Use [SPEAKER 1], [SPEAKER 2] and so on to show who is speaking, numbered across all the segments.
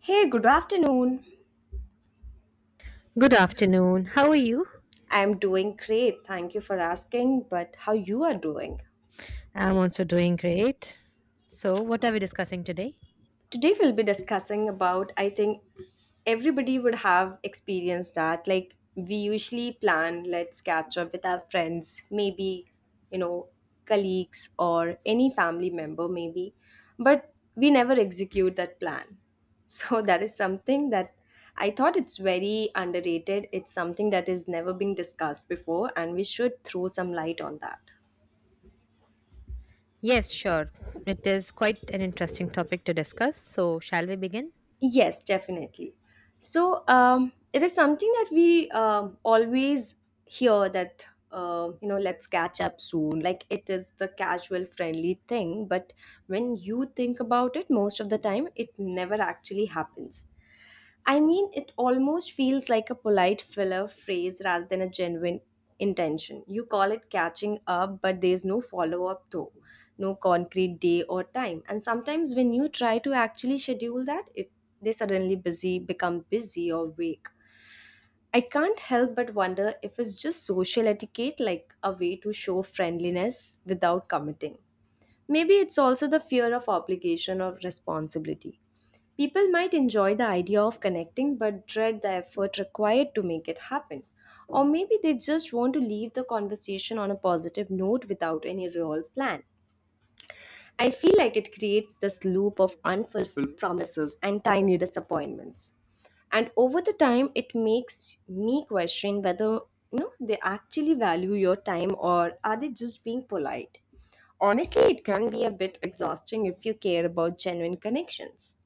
[SPEAKER 1] Hey, good afternoon.
[SPEAKER 2] Good afternoon. How are you?
[SPEAKER 1] I'm doing great. Thank you for asking. But how you are doing?
[SPEAKER 2] I'm also doing great. So, what are we discussing today?
[SPEAKER 1] Today we'll be discussing about, I think, everybody would have experienced that, like, we usually plan, let's catch up with our friends, maybe, you know colleagues or any family member, maybe, but we never execute that plan. So that is something that I thought it's very underrated, it's something that has never been discussed before and we should throw some light on that.
[SPEAKER 2] Yes, sure. It is quite an interesting topic to discuss. So, shall we begin?
[SPEAKER 1] Yes, definitely. So it is something that we always hear that let's catch up soon. Like, it is the casual, friendly thing, but when you think about it, most of the time, it never actually happens. I mean, it almost feels like a polite filler phrase rather than a genuine intention. You call it catching up, but there's no follow up, though, no concrete day or time. And sometimes when you try to actually schedule that, it, they suddenly busy, become busy or vague. I can't help but wonder if it's just social etiquette, like a way to show friendliness without committing. Maybe it's also the fear of obligation or responsibility. People might enjoy the idea of connecting but dread the effort required to make it happen. Or maybe they just want to leave the conversation on a positive note without any real plan. I feel like it creates this loop of unfulfilled promises and tiny disappointments. And over the time, it makes me question whether, you know, they actually value your time or are they just being polite. Honestly, it can be a bit exhausting if you care about genuine connections.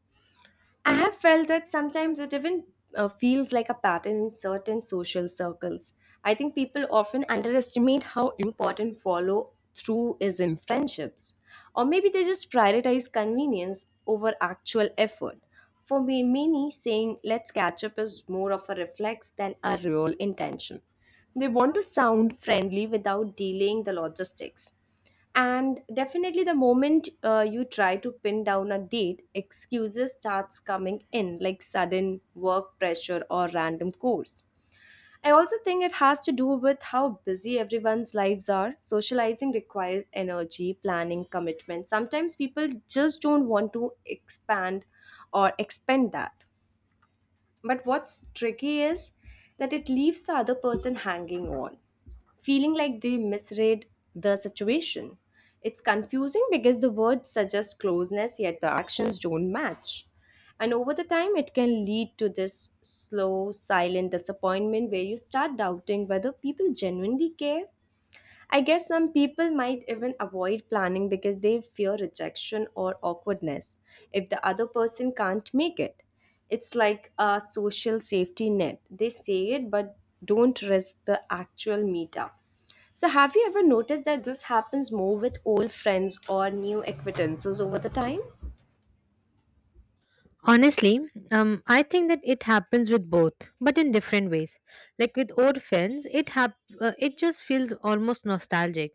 [SPEAKER 1] I have felt that sometimes it even feels like a pattern in certain social circles. I think people often underestimate how important follow through is in friendships. Or maybe they just prioritize convenience over actual effort. For me, many saying let's catch up is more of a reflex than a real intention. They want to sound friendly without delaying the logistics, and definitely the moment you try to pin down a date, excuses starts coming in, like sudden work pressure or random calls. I also think it has to do with how busy everyone's lives are. Socializing requires energy, planning, commitment. Sometimes people just don't want to expand or expend that. But what's tricky is that it leaves the other person hanging on, feeling like they misread the situation. It's confusing because the words suggest closeness, yet the actions don't match. And over the time, it can lead to this slow, silent disappointment where you start doubting whether people genuinely care. I guess some people might even avoid planning because they fear rejection or awkwardness if the other person can't make it. It's like a social safety net. They say it but don't risk the actual meetup. So, have you ever noticed that this happens more with old friends or new acquaintances over the time?
[SPEAKER 2] Honestly, I think that it happens with both, but in different ways. Like with old friends, it just feels almost nostalgic.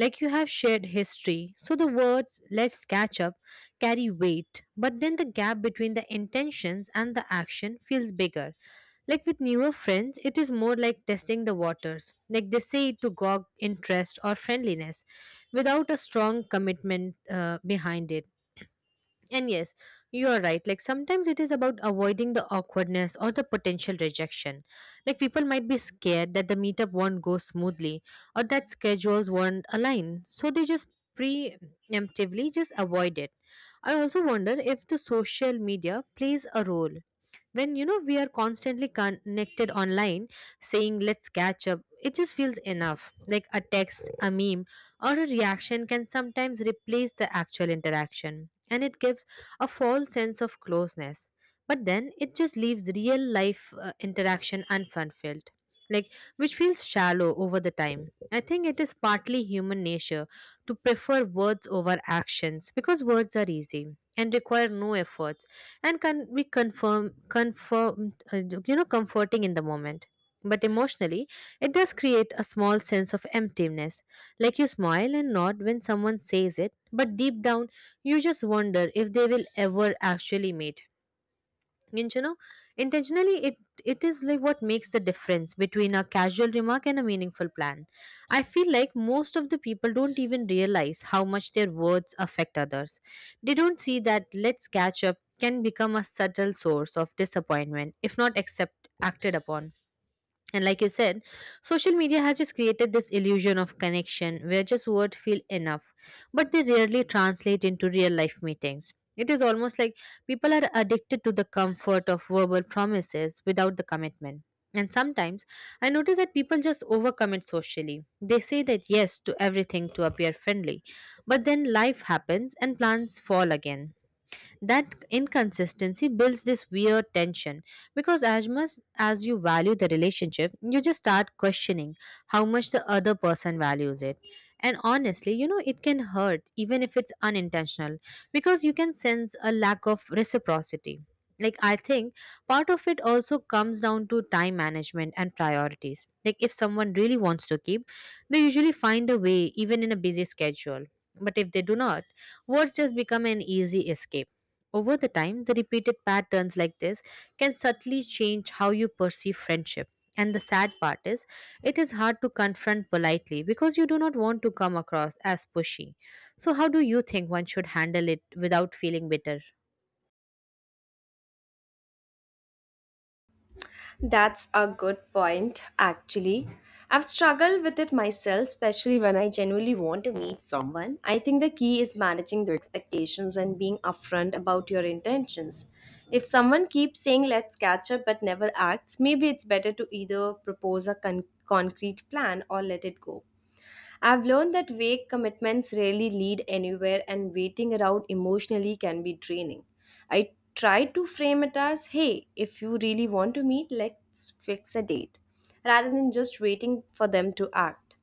[SPEAKER 2] Like you have shared history, so the words "let's catch up" carry weight, but then the gap between the intentions and the action feels bigger. Like with newer friends, it is more like testing the waters. Like they say it to gauge interest or friendliness, without a strong commitment behind it. And yes, you are right. Like sometimes it is about avoiding the awkwardness or the potential rejection. Like people might be scared that the meetup won't go smoothly or that schedules won't align. So they just preemptively just avoid it. I also wonder if the social media plays a role when you know we are constantly connected online saying let's catch up, it just feels enough. Like a text, a meme, or a reaction can sometimes replace the actual interaction, and it gives a false sense of closeness, but then it just leaves real life interaction unfulfilled, like, which feels shallow over the time. I think it is partly human nature to prefer words over actions because words are easy and require no effort and can be confirm confirm you know, comforting in the moment, but emotionally it does create a small sense of emptiness. Like you smile and nod when someone says it, but deep down you just wonder if they will ever actually meet. And you know, intentionally it is like what makes the difference between a casual remark and a meaningful plan. I feel like most of the people don't even realize how much their words affect others. They don't see that let's catch up can become a subtle source of disappointment if not accept acted upon. And like you said, social media has just created this illusion of connection where just words feel enough, but they rarely translate into real life meetings. It is almost like people are addicted to the comfort of verbal promises without the commitment. And sometimes I notice that people just overcommit socially. They say that yes to everything to appear friendly, but then life happens and plans fall again. That inconsistency builds this weird tension because as much as you value the relationship, you just start questioning how much the other person values it. And honestly, you know, it can hurt even if it's unintentional because you can sense a lack of reciprocity. Like, I think part of it also comes down to time management and priorities. Like, if someone really wants to keep, they usually find a way, even in a busy schedule. But if they do not, words just become an easy escape. Over the time, the repeated patterns like this can subtly change how you perceive friendship. And the sad part is, it is hard to confront politely because you do not want to come across as pushy. So, how do you think one should handle it without feeling bitter?
[SPEAKER 1] That's a good point, actually. I've struggled with it myself, especially when I genuinely want to meet someone. I think the key is managing the expectations and being upfront about your intentions. If someone keeps saying let's catch up but never acts, maybe it's better to either propose a concrete plan or let it go. I've learned that vague commitments rarely lead anywhere, and waiting around emotionally can be draining. I try to frame it as, hey, if you really want to meet, let's fix a date, rather than just waiting for them to act.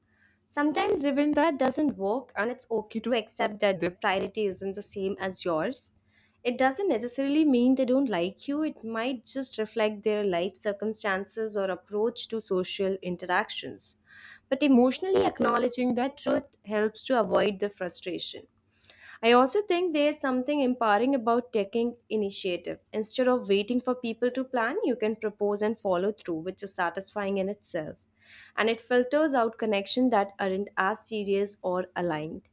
[SPEAKER 1] Sometimes even that doesn't work, and it's okay to accept that their priority isn't the same as yours. It doesn't necessarily mean they don't like you, it might just reflect their life circumstances or approach to social interactions. But emotionally acknowledging that truth helps to avoid the frustration. I also think there's something empowering about taking initiative. Instead of waiting for people to plan, you can propose and follow through, which is satisfying in itself. And it filters out connections that aren't as serious or aligned.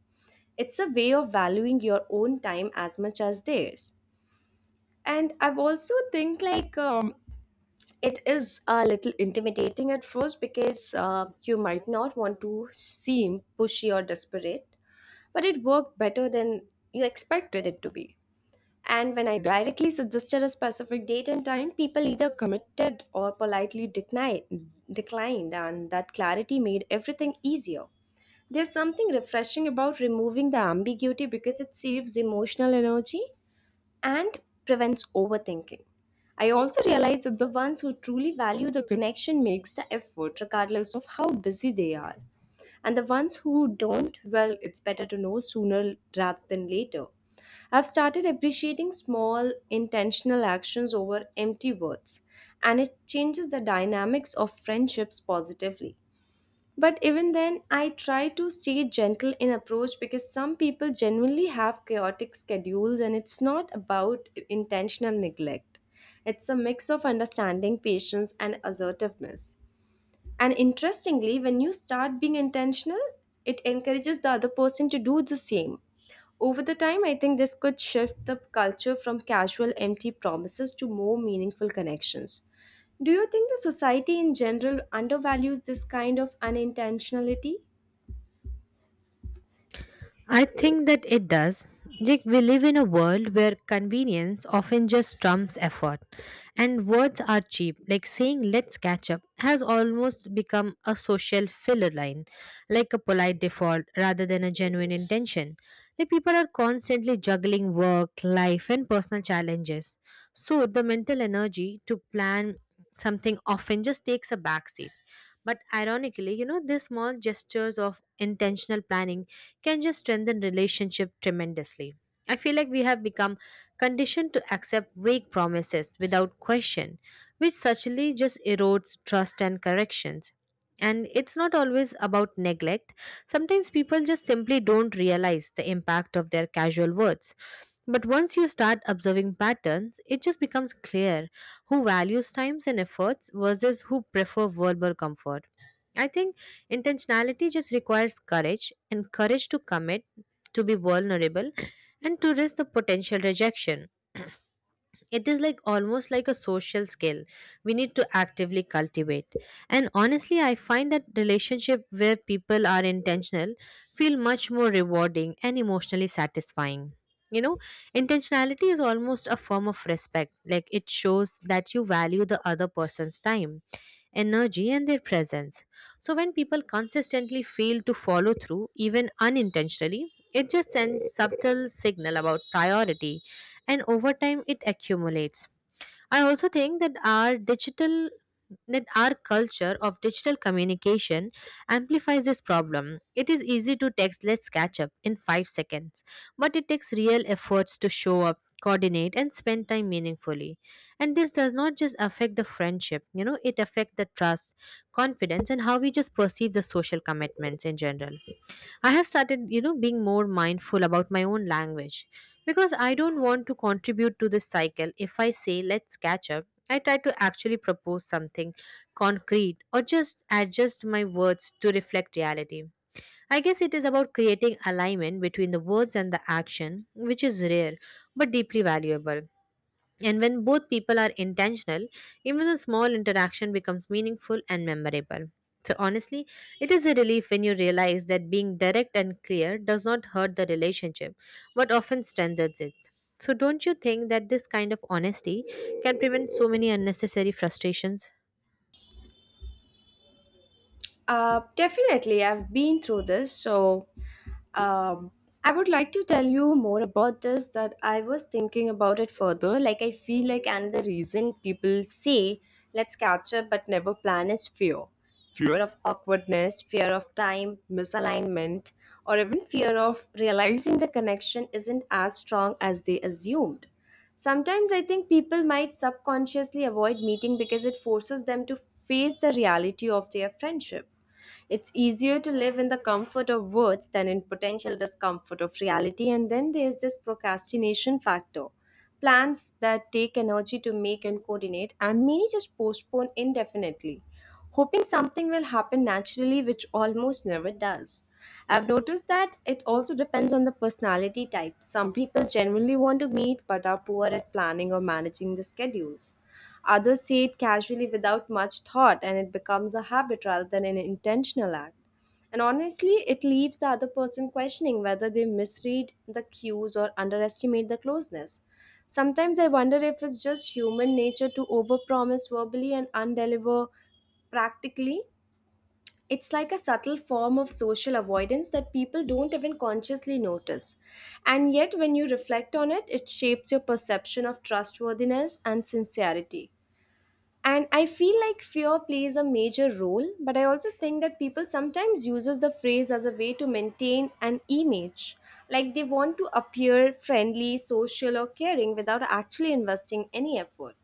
[SPEAKER 1] It's a way of valuing your own time as much as theirs. And I've also think, like, it is a little intimidating at first because you might not want to seem pushy or desperate, but it worked better than you expected it to be. And when I directly suggested a specific date and time, people either committed or politely declined, and that clarity made everything easier. There's something refreshing about removing the ambiguity because it saves emotional energy and prevents overthinking. I also realize that the ones who truly value the connection makes the effort regardless of how busy they are. And the ones who don't, well, it's better to know sooner rather than later. I've started appreciating small, intentional actions over empty words, and it changes the dynamics of friendships positively. But even then, I try to stay gentle in approach because some people genuinely have chaotic schedules, and it's not about intentional neglect. It's a mix of understanding, patience, and assertiveness. And interestingly, when you start being intentional, it encourages the other person to do the same. Over the time, I think this could shift the culture from casual, empty promises to more meaningful connections. Do you think the society in general undervalues this kind of unintentionality?
[SPEAKER 2] I think that it does. Like we live in a world where convenience often just trumps effort, and words are cheap. Like saying "let's catch up" has almost become a social filler line, like a polite default rather than a genuine intention. Like people are constantly juggling work, life, and personal challenges, so the mental energy to plan something often just takes a backseat. But ironically, you know, these small gestures of intentional planning can just strengthen relationship tremendously. I feel like we have become conditioned to accept vague promises without question, which subtly just erodes trust and corrections. And it's not always about neglect. Sometimes people just simply don't realize the impact of their casual words. But once you start observing patterns, it just becomes clear who values times and efforts versus who prefer verbal comfort. I think intentionality just requires courage and courage to commit, to be vulnerable, and to risk the potential rejection. It is like almost like a social skill we need to actively cultivate. And honestly, I find that relationship where people are intentional feel much more rewarding and emotionally satisfying. You know, intentionality is almost a form of respect. Like it shows that you value the other person's time, energy, and their presence. So, when people consistently fail to follow through, even unintentionally, it just sends subtle signal about priority, and over time it accumulates. I also think that our digital that our culture of digital communication amplifies this problem. It is easy to text, let's catch up in 5 seconds, but it takes real efforts to show up, coordinate, and spend time meaningfully. And this does not just affect the friendship, you know, it affects the trust, confidence, and how we just perceive the social commitments in general. I have started, you know, being more mindful about my own language because I don't want to contribute to this cycle. If I say, let's catch up, I try to actually propose something concrete, or just adjust my words to reflect reality. I guess it is about creating alignment between the words and the action, which is rare but deeply valuable. And when both people are intentional, even a small interaction becomes meaningful and memorable. So, honestly, it is a relief when you realize that being direct and clear does not hurt the relationship but often strengthens it. So, don't you think that this kind of honesty can prevent so many unnecessary frustrations?
[SPEAKER 1] Definitely, I've been through this. So, um, I would like to tell you more about this. That I was thinking about it further. Like, I feel like another reason people say let's catch up but never plan is fear of awkwardness, fear of time, misalignment, or even fear of realizing the connection isn't as strong as they assumed. Sometimes I think people might subconsciously avoid meeting because it forces them to face the reality of their friendship. It's easier to live in the comfort of words than in potential discomfort of reality. And then there's this procrastination factor, plans that take energy to make and coordinate, and many just postpone indefinitely, hoping something will happen naturally, which almost never does. I've noticed that it also depends on the personality type. Some people genuinely want to meet but are poor at planning or managing the schedules. Others say it casually without much thought and it becomes a habit rather than an intentional act. And honestly, it leaves the other person questioning whether they misread the cues or underestimate the closeness. Sometimes I wonder if it's just human nature to overpromise verbally and undeliver practically. It's like a subtle form of social avoidance that people don't even consciously notice. And yet, when you reflect on it, it shapes your perception of trustworthiness and sincerity. And I feel like fear plays a major role, but I also think that people sometimes uses the phrase as a way to maintain an image. Like, they want to appear friendly, social, or caring without actually investing any effort.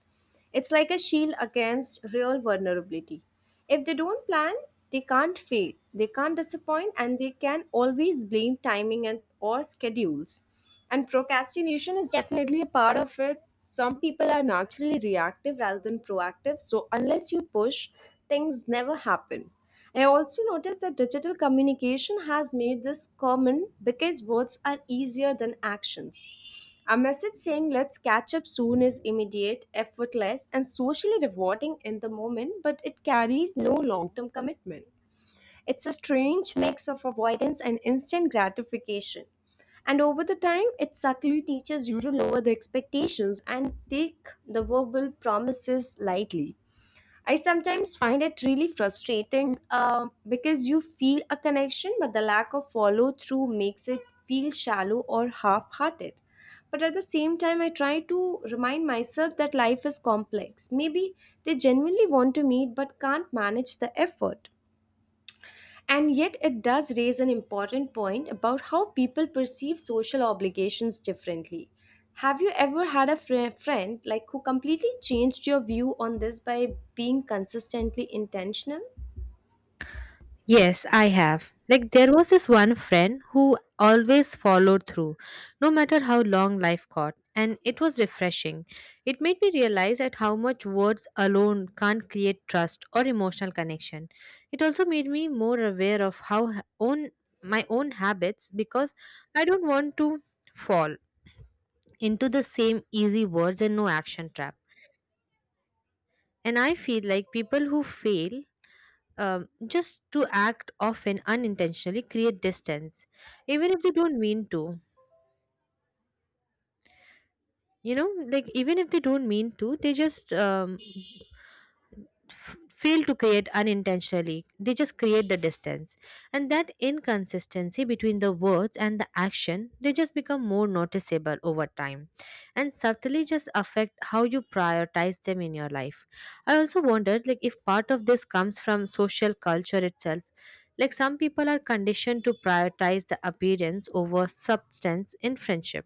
[SPEAKER 1] It's like a shield against real vulnerability. If they don't plan, they can't fail, they can't disappoint, and they can always blame timing and or schedules. And procrastination is definitely a part of it. Some people are naturally reactive rather than proactive, so unless you push, things never happen. I also noticed that digital communication has made this common because words are easier than actions. A message saying let's catch up soon is immediate, effortless, and socially rewarding in the moment, but it carries no long term commitment. It's a strange mix of avoidance and instant gratification. And over the time, it subtly teaches you to lower the expectations and take the verbal promises lightly. I sometimes find it really frustrating because you feel a connection, but the lack of follow through makes it feel shallow or half hearted. But at the same time, I try to remind myself that life is complex. Maybe they genuinely want to meet but can't manage the effort. And yet, it does raise an important point about how people perceive social obligations differently. Have you ever had a friend like who completely changed your view on this by being consistently intentional?
[SPEAKER 2] Yes, I have. Like, there was this one friend who always followed through, no matter how long life got, and it was refreshing. It made me realize at how much words alone can't create trust or emotional connection. It also made me more aware of own my own habits because I don't want to fall into the same easy words and no action trap. And I feel like people who fail just to act often unintentionally create distance even if they don't mean to. You know, like even if they don't mean to, they just fail to create unintentionally. They just create the distance. And that inconsistency between the words and the action, they just become more noticeable over time and subtly just affect how you prioritize them in your life. I also wondered like if part of this comes from social culture itself. Like some people are conditioned to prioritize the appearance over substance in friendship,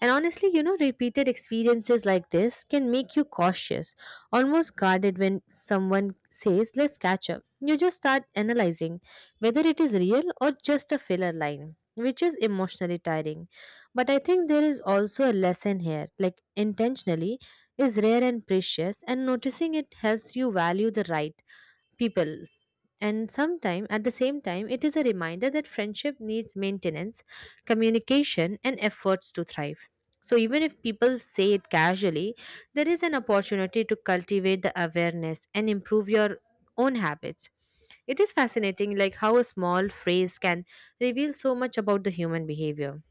[SPEAKER 2] and honestly, you know, repeated experiences like this can make you cautious, almost guarded when someone says, let's catch up. You just start analyzing whether it is real or just a filler line, which is emotionally tiring. But I think there is also a lesson here, like intentionally is rare and precious, and noticing it helps you value the right people. And sometime at the same time it is a reminder that friendship needs maintenance, communication, and efforts to thrive. So even if people say it casually, there is an opportunity to cultivate the awareness and improve your own habits. It is fascinating like how a small phrase can reveal so much about the human behavior.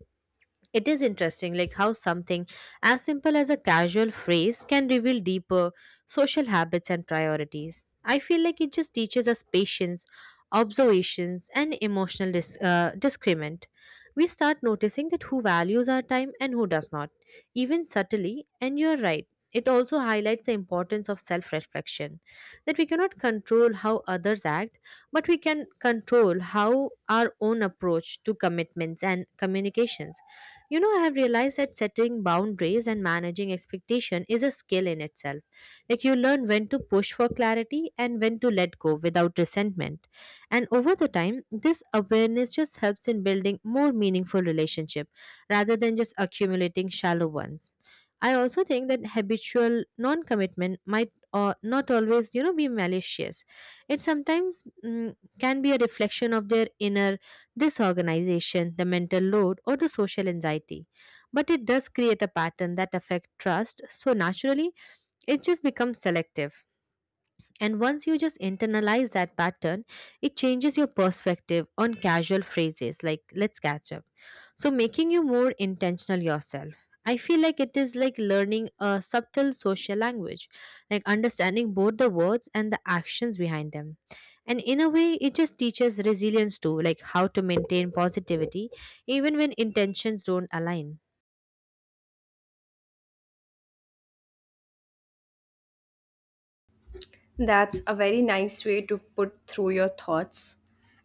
[SPEAKER 2] It is interesting, like how something as simple as a casual phrase can reveal deeper social habits and priorities. I feel like it just teaches us patience, observations, and emotional discernment. We start noticing that who values our time and who does not, even subtly, and you're right. It also highlights the importance of self reflection that we cannot control how others act, but we can control how our own approach to commitments and communications. You know, I have realized that setting boundaries and managing expectation is a skill in itself. Like you learn when to push for clarity and when to let go without resentment. And over the time, this awareness just helps in building more meaningful relationship rather than just accumulating shallow ones. I also think that habitual non-commitment might not always, you know, be malicious. It sometimes can be a reflection of their inner disorganization, the mental load, or the social anxiety. But it does create a pattern that affects trust, so naturally, it just becomes selective. And once you just internalize that pattern, it changes your perspective on casual phrases like let's catch up, so making you more intentional yourself. I feel like it is like learning a subtle social language, like understanding both the words and the actions behind them. And in a way, it just teaches resilience too, like how to maintain positivity even when intentions don't align.
[SPEAKER 1] That's a very nice way to put through your thoughts.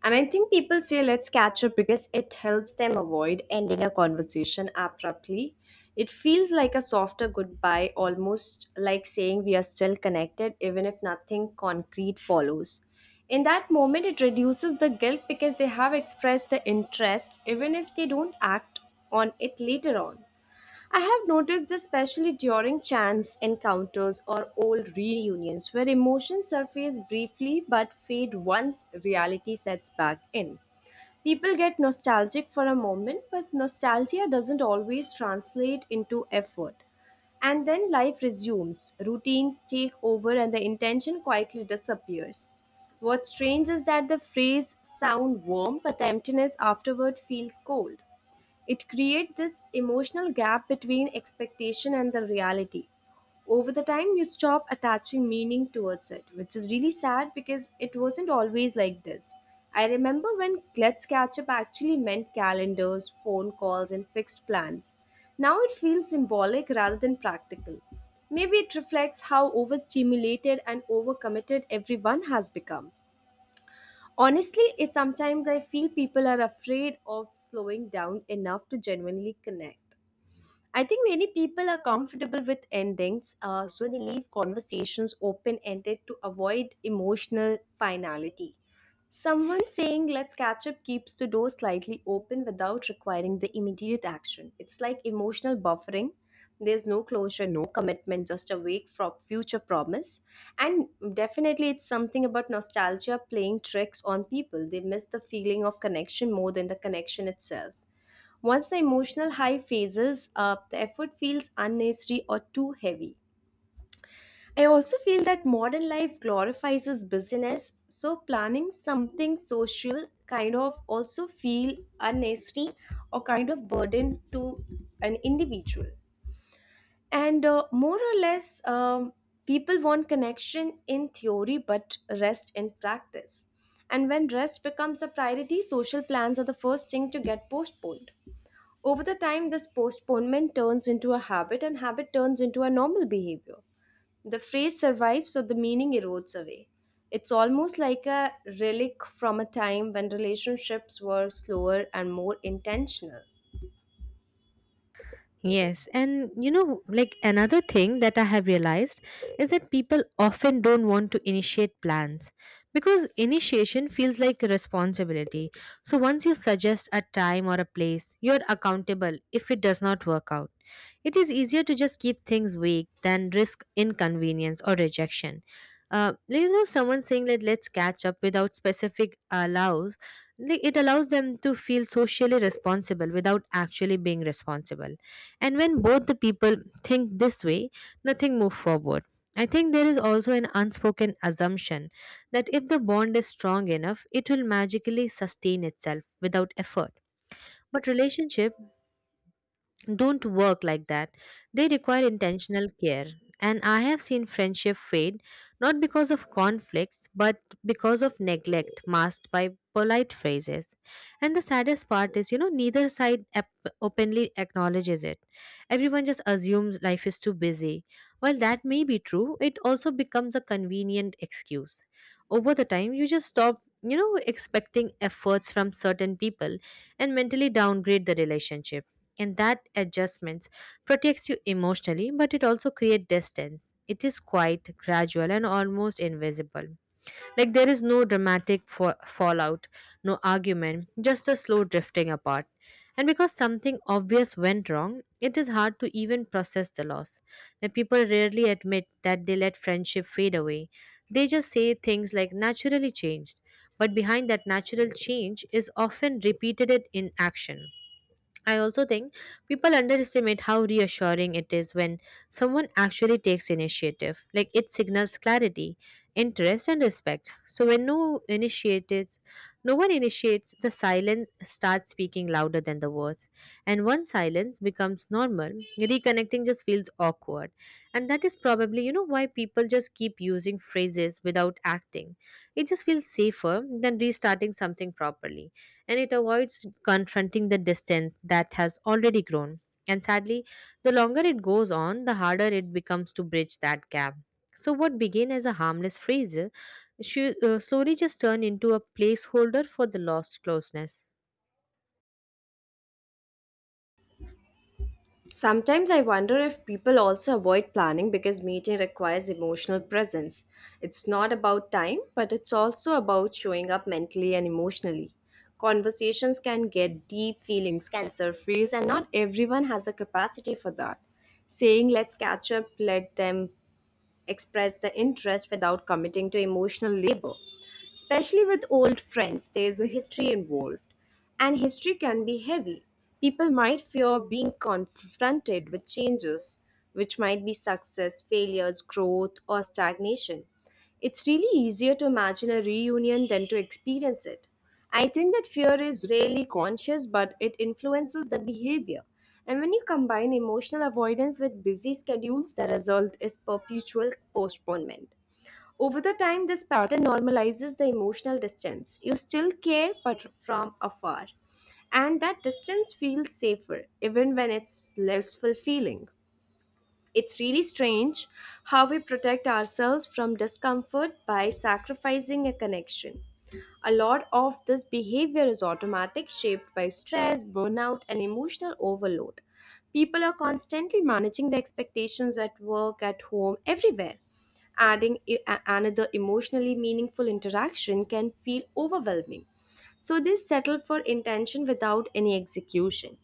[SPEAKER 1] And I think people say let's catch up because it helps them avoid ending a conversation abruptly. It feels like a softer goodbye, almost like saying we are still connected, even if nothing concrete follows. In that moment, it reduces the guilt because they have expressed the interest, even if they don't act on it later on. I have noticed this especially during chance encounters or old reunions where emotions surface briefly but fade once reality sets back in. People get nostalgic for a moment, but nostalgia doesn't always translate into effort. And then life resumes, routines take over, and the intention quietly disappears. What's strange is that the phrase sound warm, but the emptiness afterward feels cold. It creates this emotional gap between expectation and the reality. Over the time, you stop attaching meaning towards it, which is really sad because it wasn't always like this. I remember when Let's Catch Up actually meant calendars, phone calls, and fixed plans. Now it feels symbolic rather than practical. Maybe it reflects how overstimulated and overcommitted everyone has become. Honestly, it sometimes I feel people are afraid of slowing down enough to genuinely connect. I think many people are comfortable with endings, so they leave conversations open ended to avoid emotional finality. Someone saying, let's catch up, keeps the door slightly open without requiring the immediate action. It's like emotional buffering. There's no closure, no commitment, just a wake from future promise. And definitely, it's something about nostalgia playing tricks on people. They miss the feeling of connection more than the connection itself. Once the emotional high phases up, the effort feels unnecessary or too heavy. I also feel that modern life glorifies as business, so planning something social kind of also feel unnecessary or kind of burden to an individual. And people want connection in theory but rest in practice. And when rest becomes a priority, social plans are the first thing to get postponed. Over the time, this postponement turns into a habit, and habit turns into a normal behavior. The phrase survives, so the meaning erodes away. It's almost like a relic from a time when relationships were slower and more intentional.
[SPEAKER 2] Yes, and you know, like another thing that I have realized is that people often don't want to initiate plans because initiation feels like a responsibility. So once you suggest a time or a place, you're accountable if it does not work out. It is easier to just keep things vague than risk inconvenience or rejection. Someone saying that let's catch up without specific allows like it allows them to feel socially responsible without actually being responsible, and when both the people think this way, nothing moves forward. I think there is also an unspoken assumption that if the bond is strong enough, it will magically sustain itself without effort, but relationship don't work like that. They require intentional care. And I have seen friendship fade, not because of conflicts but because of neglect masked by polite phrases. And the saddest part is, neither side openly acknowledges it. Everyone just assumes life is too busy. While that may be true, it also becomes a convenient excuse. Over the time, you just stop, expecting efforts from certain people and mentally downgrade the relationship, and that adjustments protects you emotionally, but it also creates distance. It is quite gradual and almost invisible. Like there is no dramatic fallout, no argument, just a slow drifting apart. And because something obvious went wrong, it is hard to even process the loss. Now people rarely admit that they let friendship fade away. They just say things like naturally changed, but behind that natural change is often repeated in action I also think people underestimate how reassuring it is when someone actually takes initiative. Like it signals clarity, interest, and respect. So when no one initiates, the silence starts speaking louder than the words. And once silence becomes normal, reconnecting just feels awkward. And that is probably, why people just keep using phrases without acting. It just feels safer than restarting something properly, and it avoids confronting the distance that has already grown. And sadly, the longer it goes on, the harder it becomes to bridge that gap. So, what began as a harmless phrase slowly just turned into a placeholder for the lost closeness.
[SPEAKER 1] Sometimes I wonder if people also avoid planning because meeting requires emotional presence. It's not about time, but it's also about showing up mentally and emotionally. Conversations can get deep, feelings can surface, and not everyone has the capacity for that. Saying let's catch up, let them express the interest without committing to emotional labor. Especially with old friends, there's a history involved, and history can be heavy. People might fear being confronted with changes, which might be success, failures, growth, or stagnation. It's really easier to imagine a reunion than to experience it. I think that fear is rarely conscious, but it influences the behavior. And when you combine emotional avoidance with busy schedules, the result is perpetual postponement. Over the time, this pattern normalizes the emotional distance. You still care, but from afar. And that distance feels safer, even when it's less fulfilling. It's really strange how we protect ourselves from discomfort by sacrificing a connection. A lot of this behavior is automatic, shaped by stress, burnout, and emotional overload. People are constantly managing their expectations at work, at home, everywhere. Adding another emotionally meaningful interaction can feel overwhelming. So they settle for intention without any execution.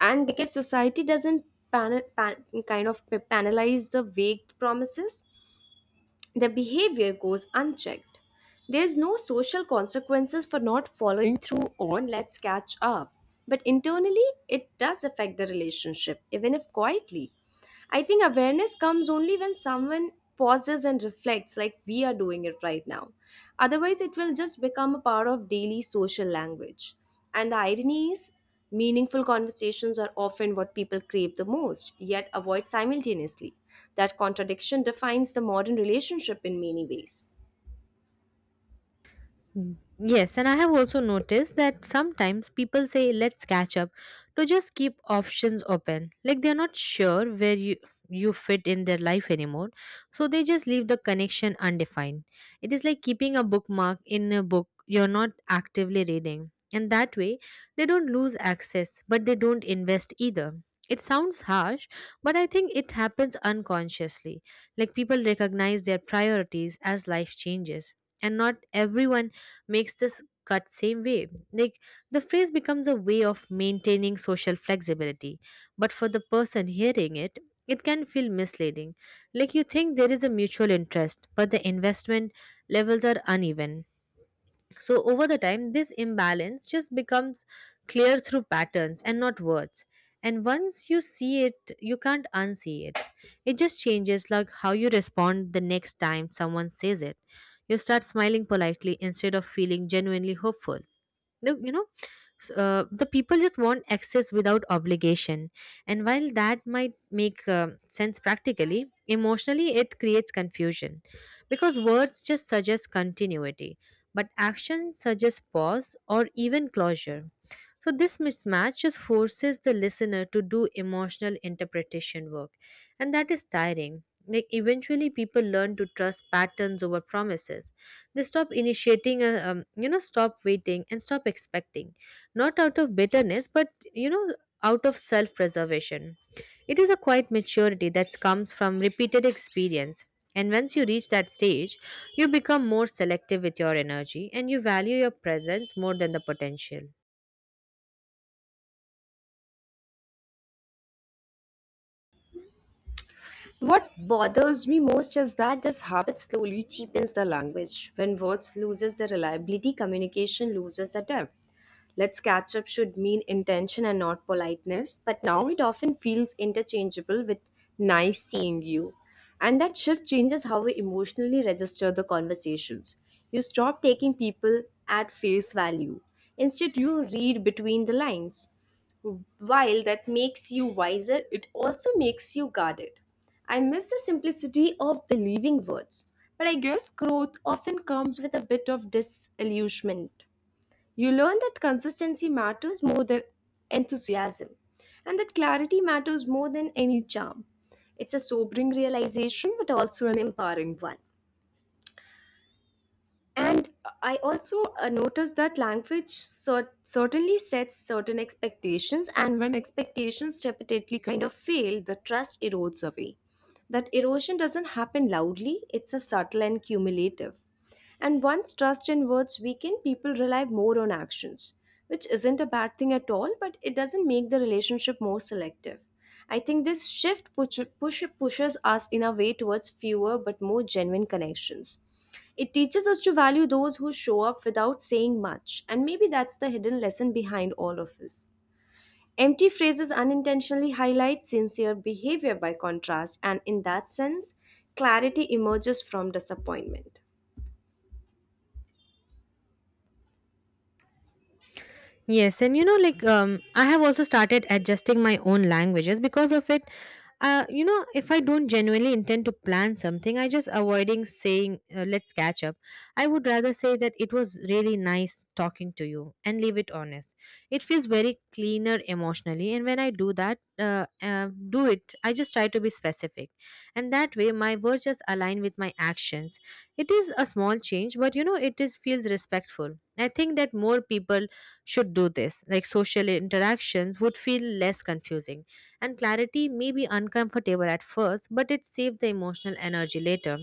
[SPEAKER 1] And because society doesn't kind of penalize the vague promises, the behavior goes unchecked. There's no social consequences for not following through on let's catch up. But internally, it does affect the relationship, even if quietly. I think awareness comes only when someone pauses and reflects, like we are doing it right now. Otherwise, it will just become a part of daily social language. And the irony is, meaningful conversations are often what people crave the most, yet avoid simultaneously. That contradiction defines the modern relationship in many ways.
[SPEAKER 2] Yes, and I have also noticed that sometimes people say let's catch up to just keep options open. Like they're not sure where you fit in their life anymore, so they just leave the connection undefined. It is like keeping a bookmark in a book you're not actively reading. And that way, they don't lose access, but they don't invest either. It sounds harsh, but I think it happens unconsciously. Like people recognize their priorities as life changes, and not everyone makes this cut same way. Like the phrase becomes a way of maintaining social flexibility, but for the person hearing it, it can feel misleading. Like you think there is a mutual interest, but the investment levels are uneven. So, over the time, this imbalance just becomes clear through patterns and not words. And once you see it, you can't unsee it. It just changes like how you respond the next time someone says it. You start smiling politely instead of feeling genuinely hopeful. The you know s- uh, the people just want access without obligation, and while that might make sense practically, emotionally it creates confusion, because words just suggest continuity but action suggests pause or even closure. So this mismatch just forces the listener to do emotional interpretation work, and that is tiring. Like eventually people learn to trust patterns over promises. They stop initiating, stop waiting and stop expecting. Not out of bitterness, but, you know, out of self preservation. It is a quiet maturity that comes from repeated experience. And once you reach that stage, you become more selective with your energy, and you value your presence more than the potential.
[SPEAKER 1] What bothers me most is that this habit slowly cheapens the language. When words loses their reliability, communication loses the depth. Let's catch up should mean intention and not politeness, but now it often feels interchangeable with nice seeing you. And that shift changes how we emotionally register the conversations. You stop taking people at face value. Instead, you read between the lines. While that makes you wiser, it also makes you guarded. I miss the simplicity of believing words, but I guess growth often comes with a bit of disillusionment. You learn that consistency matters more than enthusiasm, and that clarity matters more than any charm. It's a sobering realization, but also an empowering one. And I also noticed that language certainly sets certain expectations, and when expectations repeatedly kind of fail, the trust erodes away. That erosion doesn't happen loudly, it's a subtle and cumulative. And once trust in words weaken, people rely more on actions, which isn't a bad thing at all, but it doesn't make the relationship more selective. I think this shift pushes us in a way towards fewer but more genuine connections. It teaches us to value those who show up without saying much, and maybe that's the hidden lesson behind all of this. Empty phrases unintentionally highlight sincere behavior by contrast, and in that sense, clarity emerges from disappointment.
[SPEAKER 2] Yes, and I have also started adjusting my own languages because of it. If I don't genuinely intend to plan something, I just avoiding saying "let's catch up." I would rather say that it was really nice talking to you and leave it honest. It feels very cleaner emotionally, and when I do that, do it. I just try to be specific, and that way my words just align with my actions. It is a small change, but it is feels respectful. I think that more people should do this. Like social interactions would feel less confusing, and clarity may be uncomfortable at first, but it saves the emotional energy later.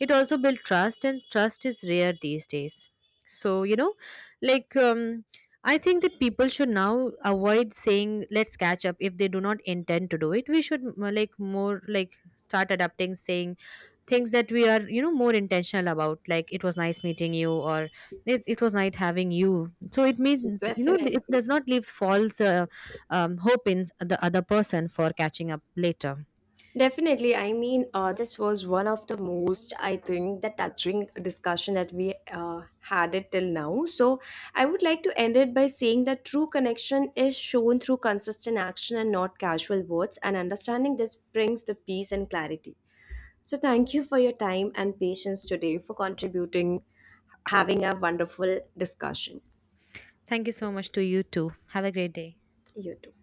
[SPEAKER 2] It also builds trust, and trust is rare these days. So, like, um, I think that people should now avoid saying let's catch up if they do not intend to do it. We should like more like start adapting saying things that we are, more intentional about, like it was nice meeting you, or yes, it was nice having you. So it means, it
[SPEAKER 1] Definitely.
[SPEAKER 2] does not leave false hope in the other person for catching up later.
[SPEAKER 1] Definitely. I mean, this was one of the most, I think, the touching discussion that we had it till now. So, I would like to end it by saying that true connection is shown through consistent action and not casual words. And understanding this brings the peace and clarity. So, thank you for your time and patience today for contributing, having a wonderful discussion.
[SPEAKER 2] Thank you so much to you too. Have a great day.
[SPEAKER 1] You too.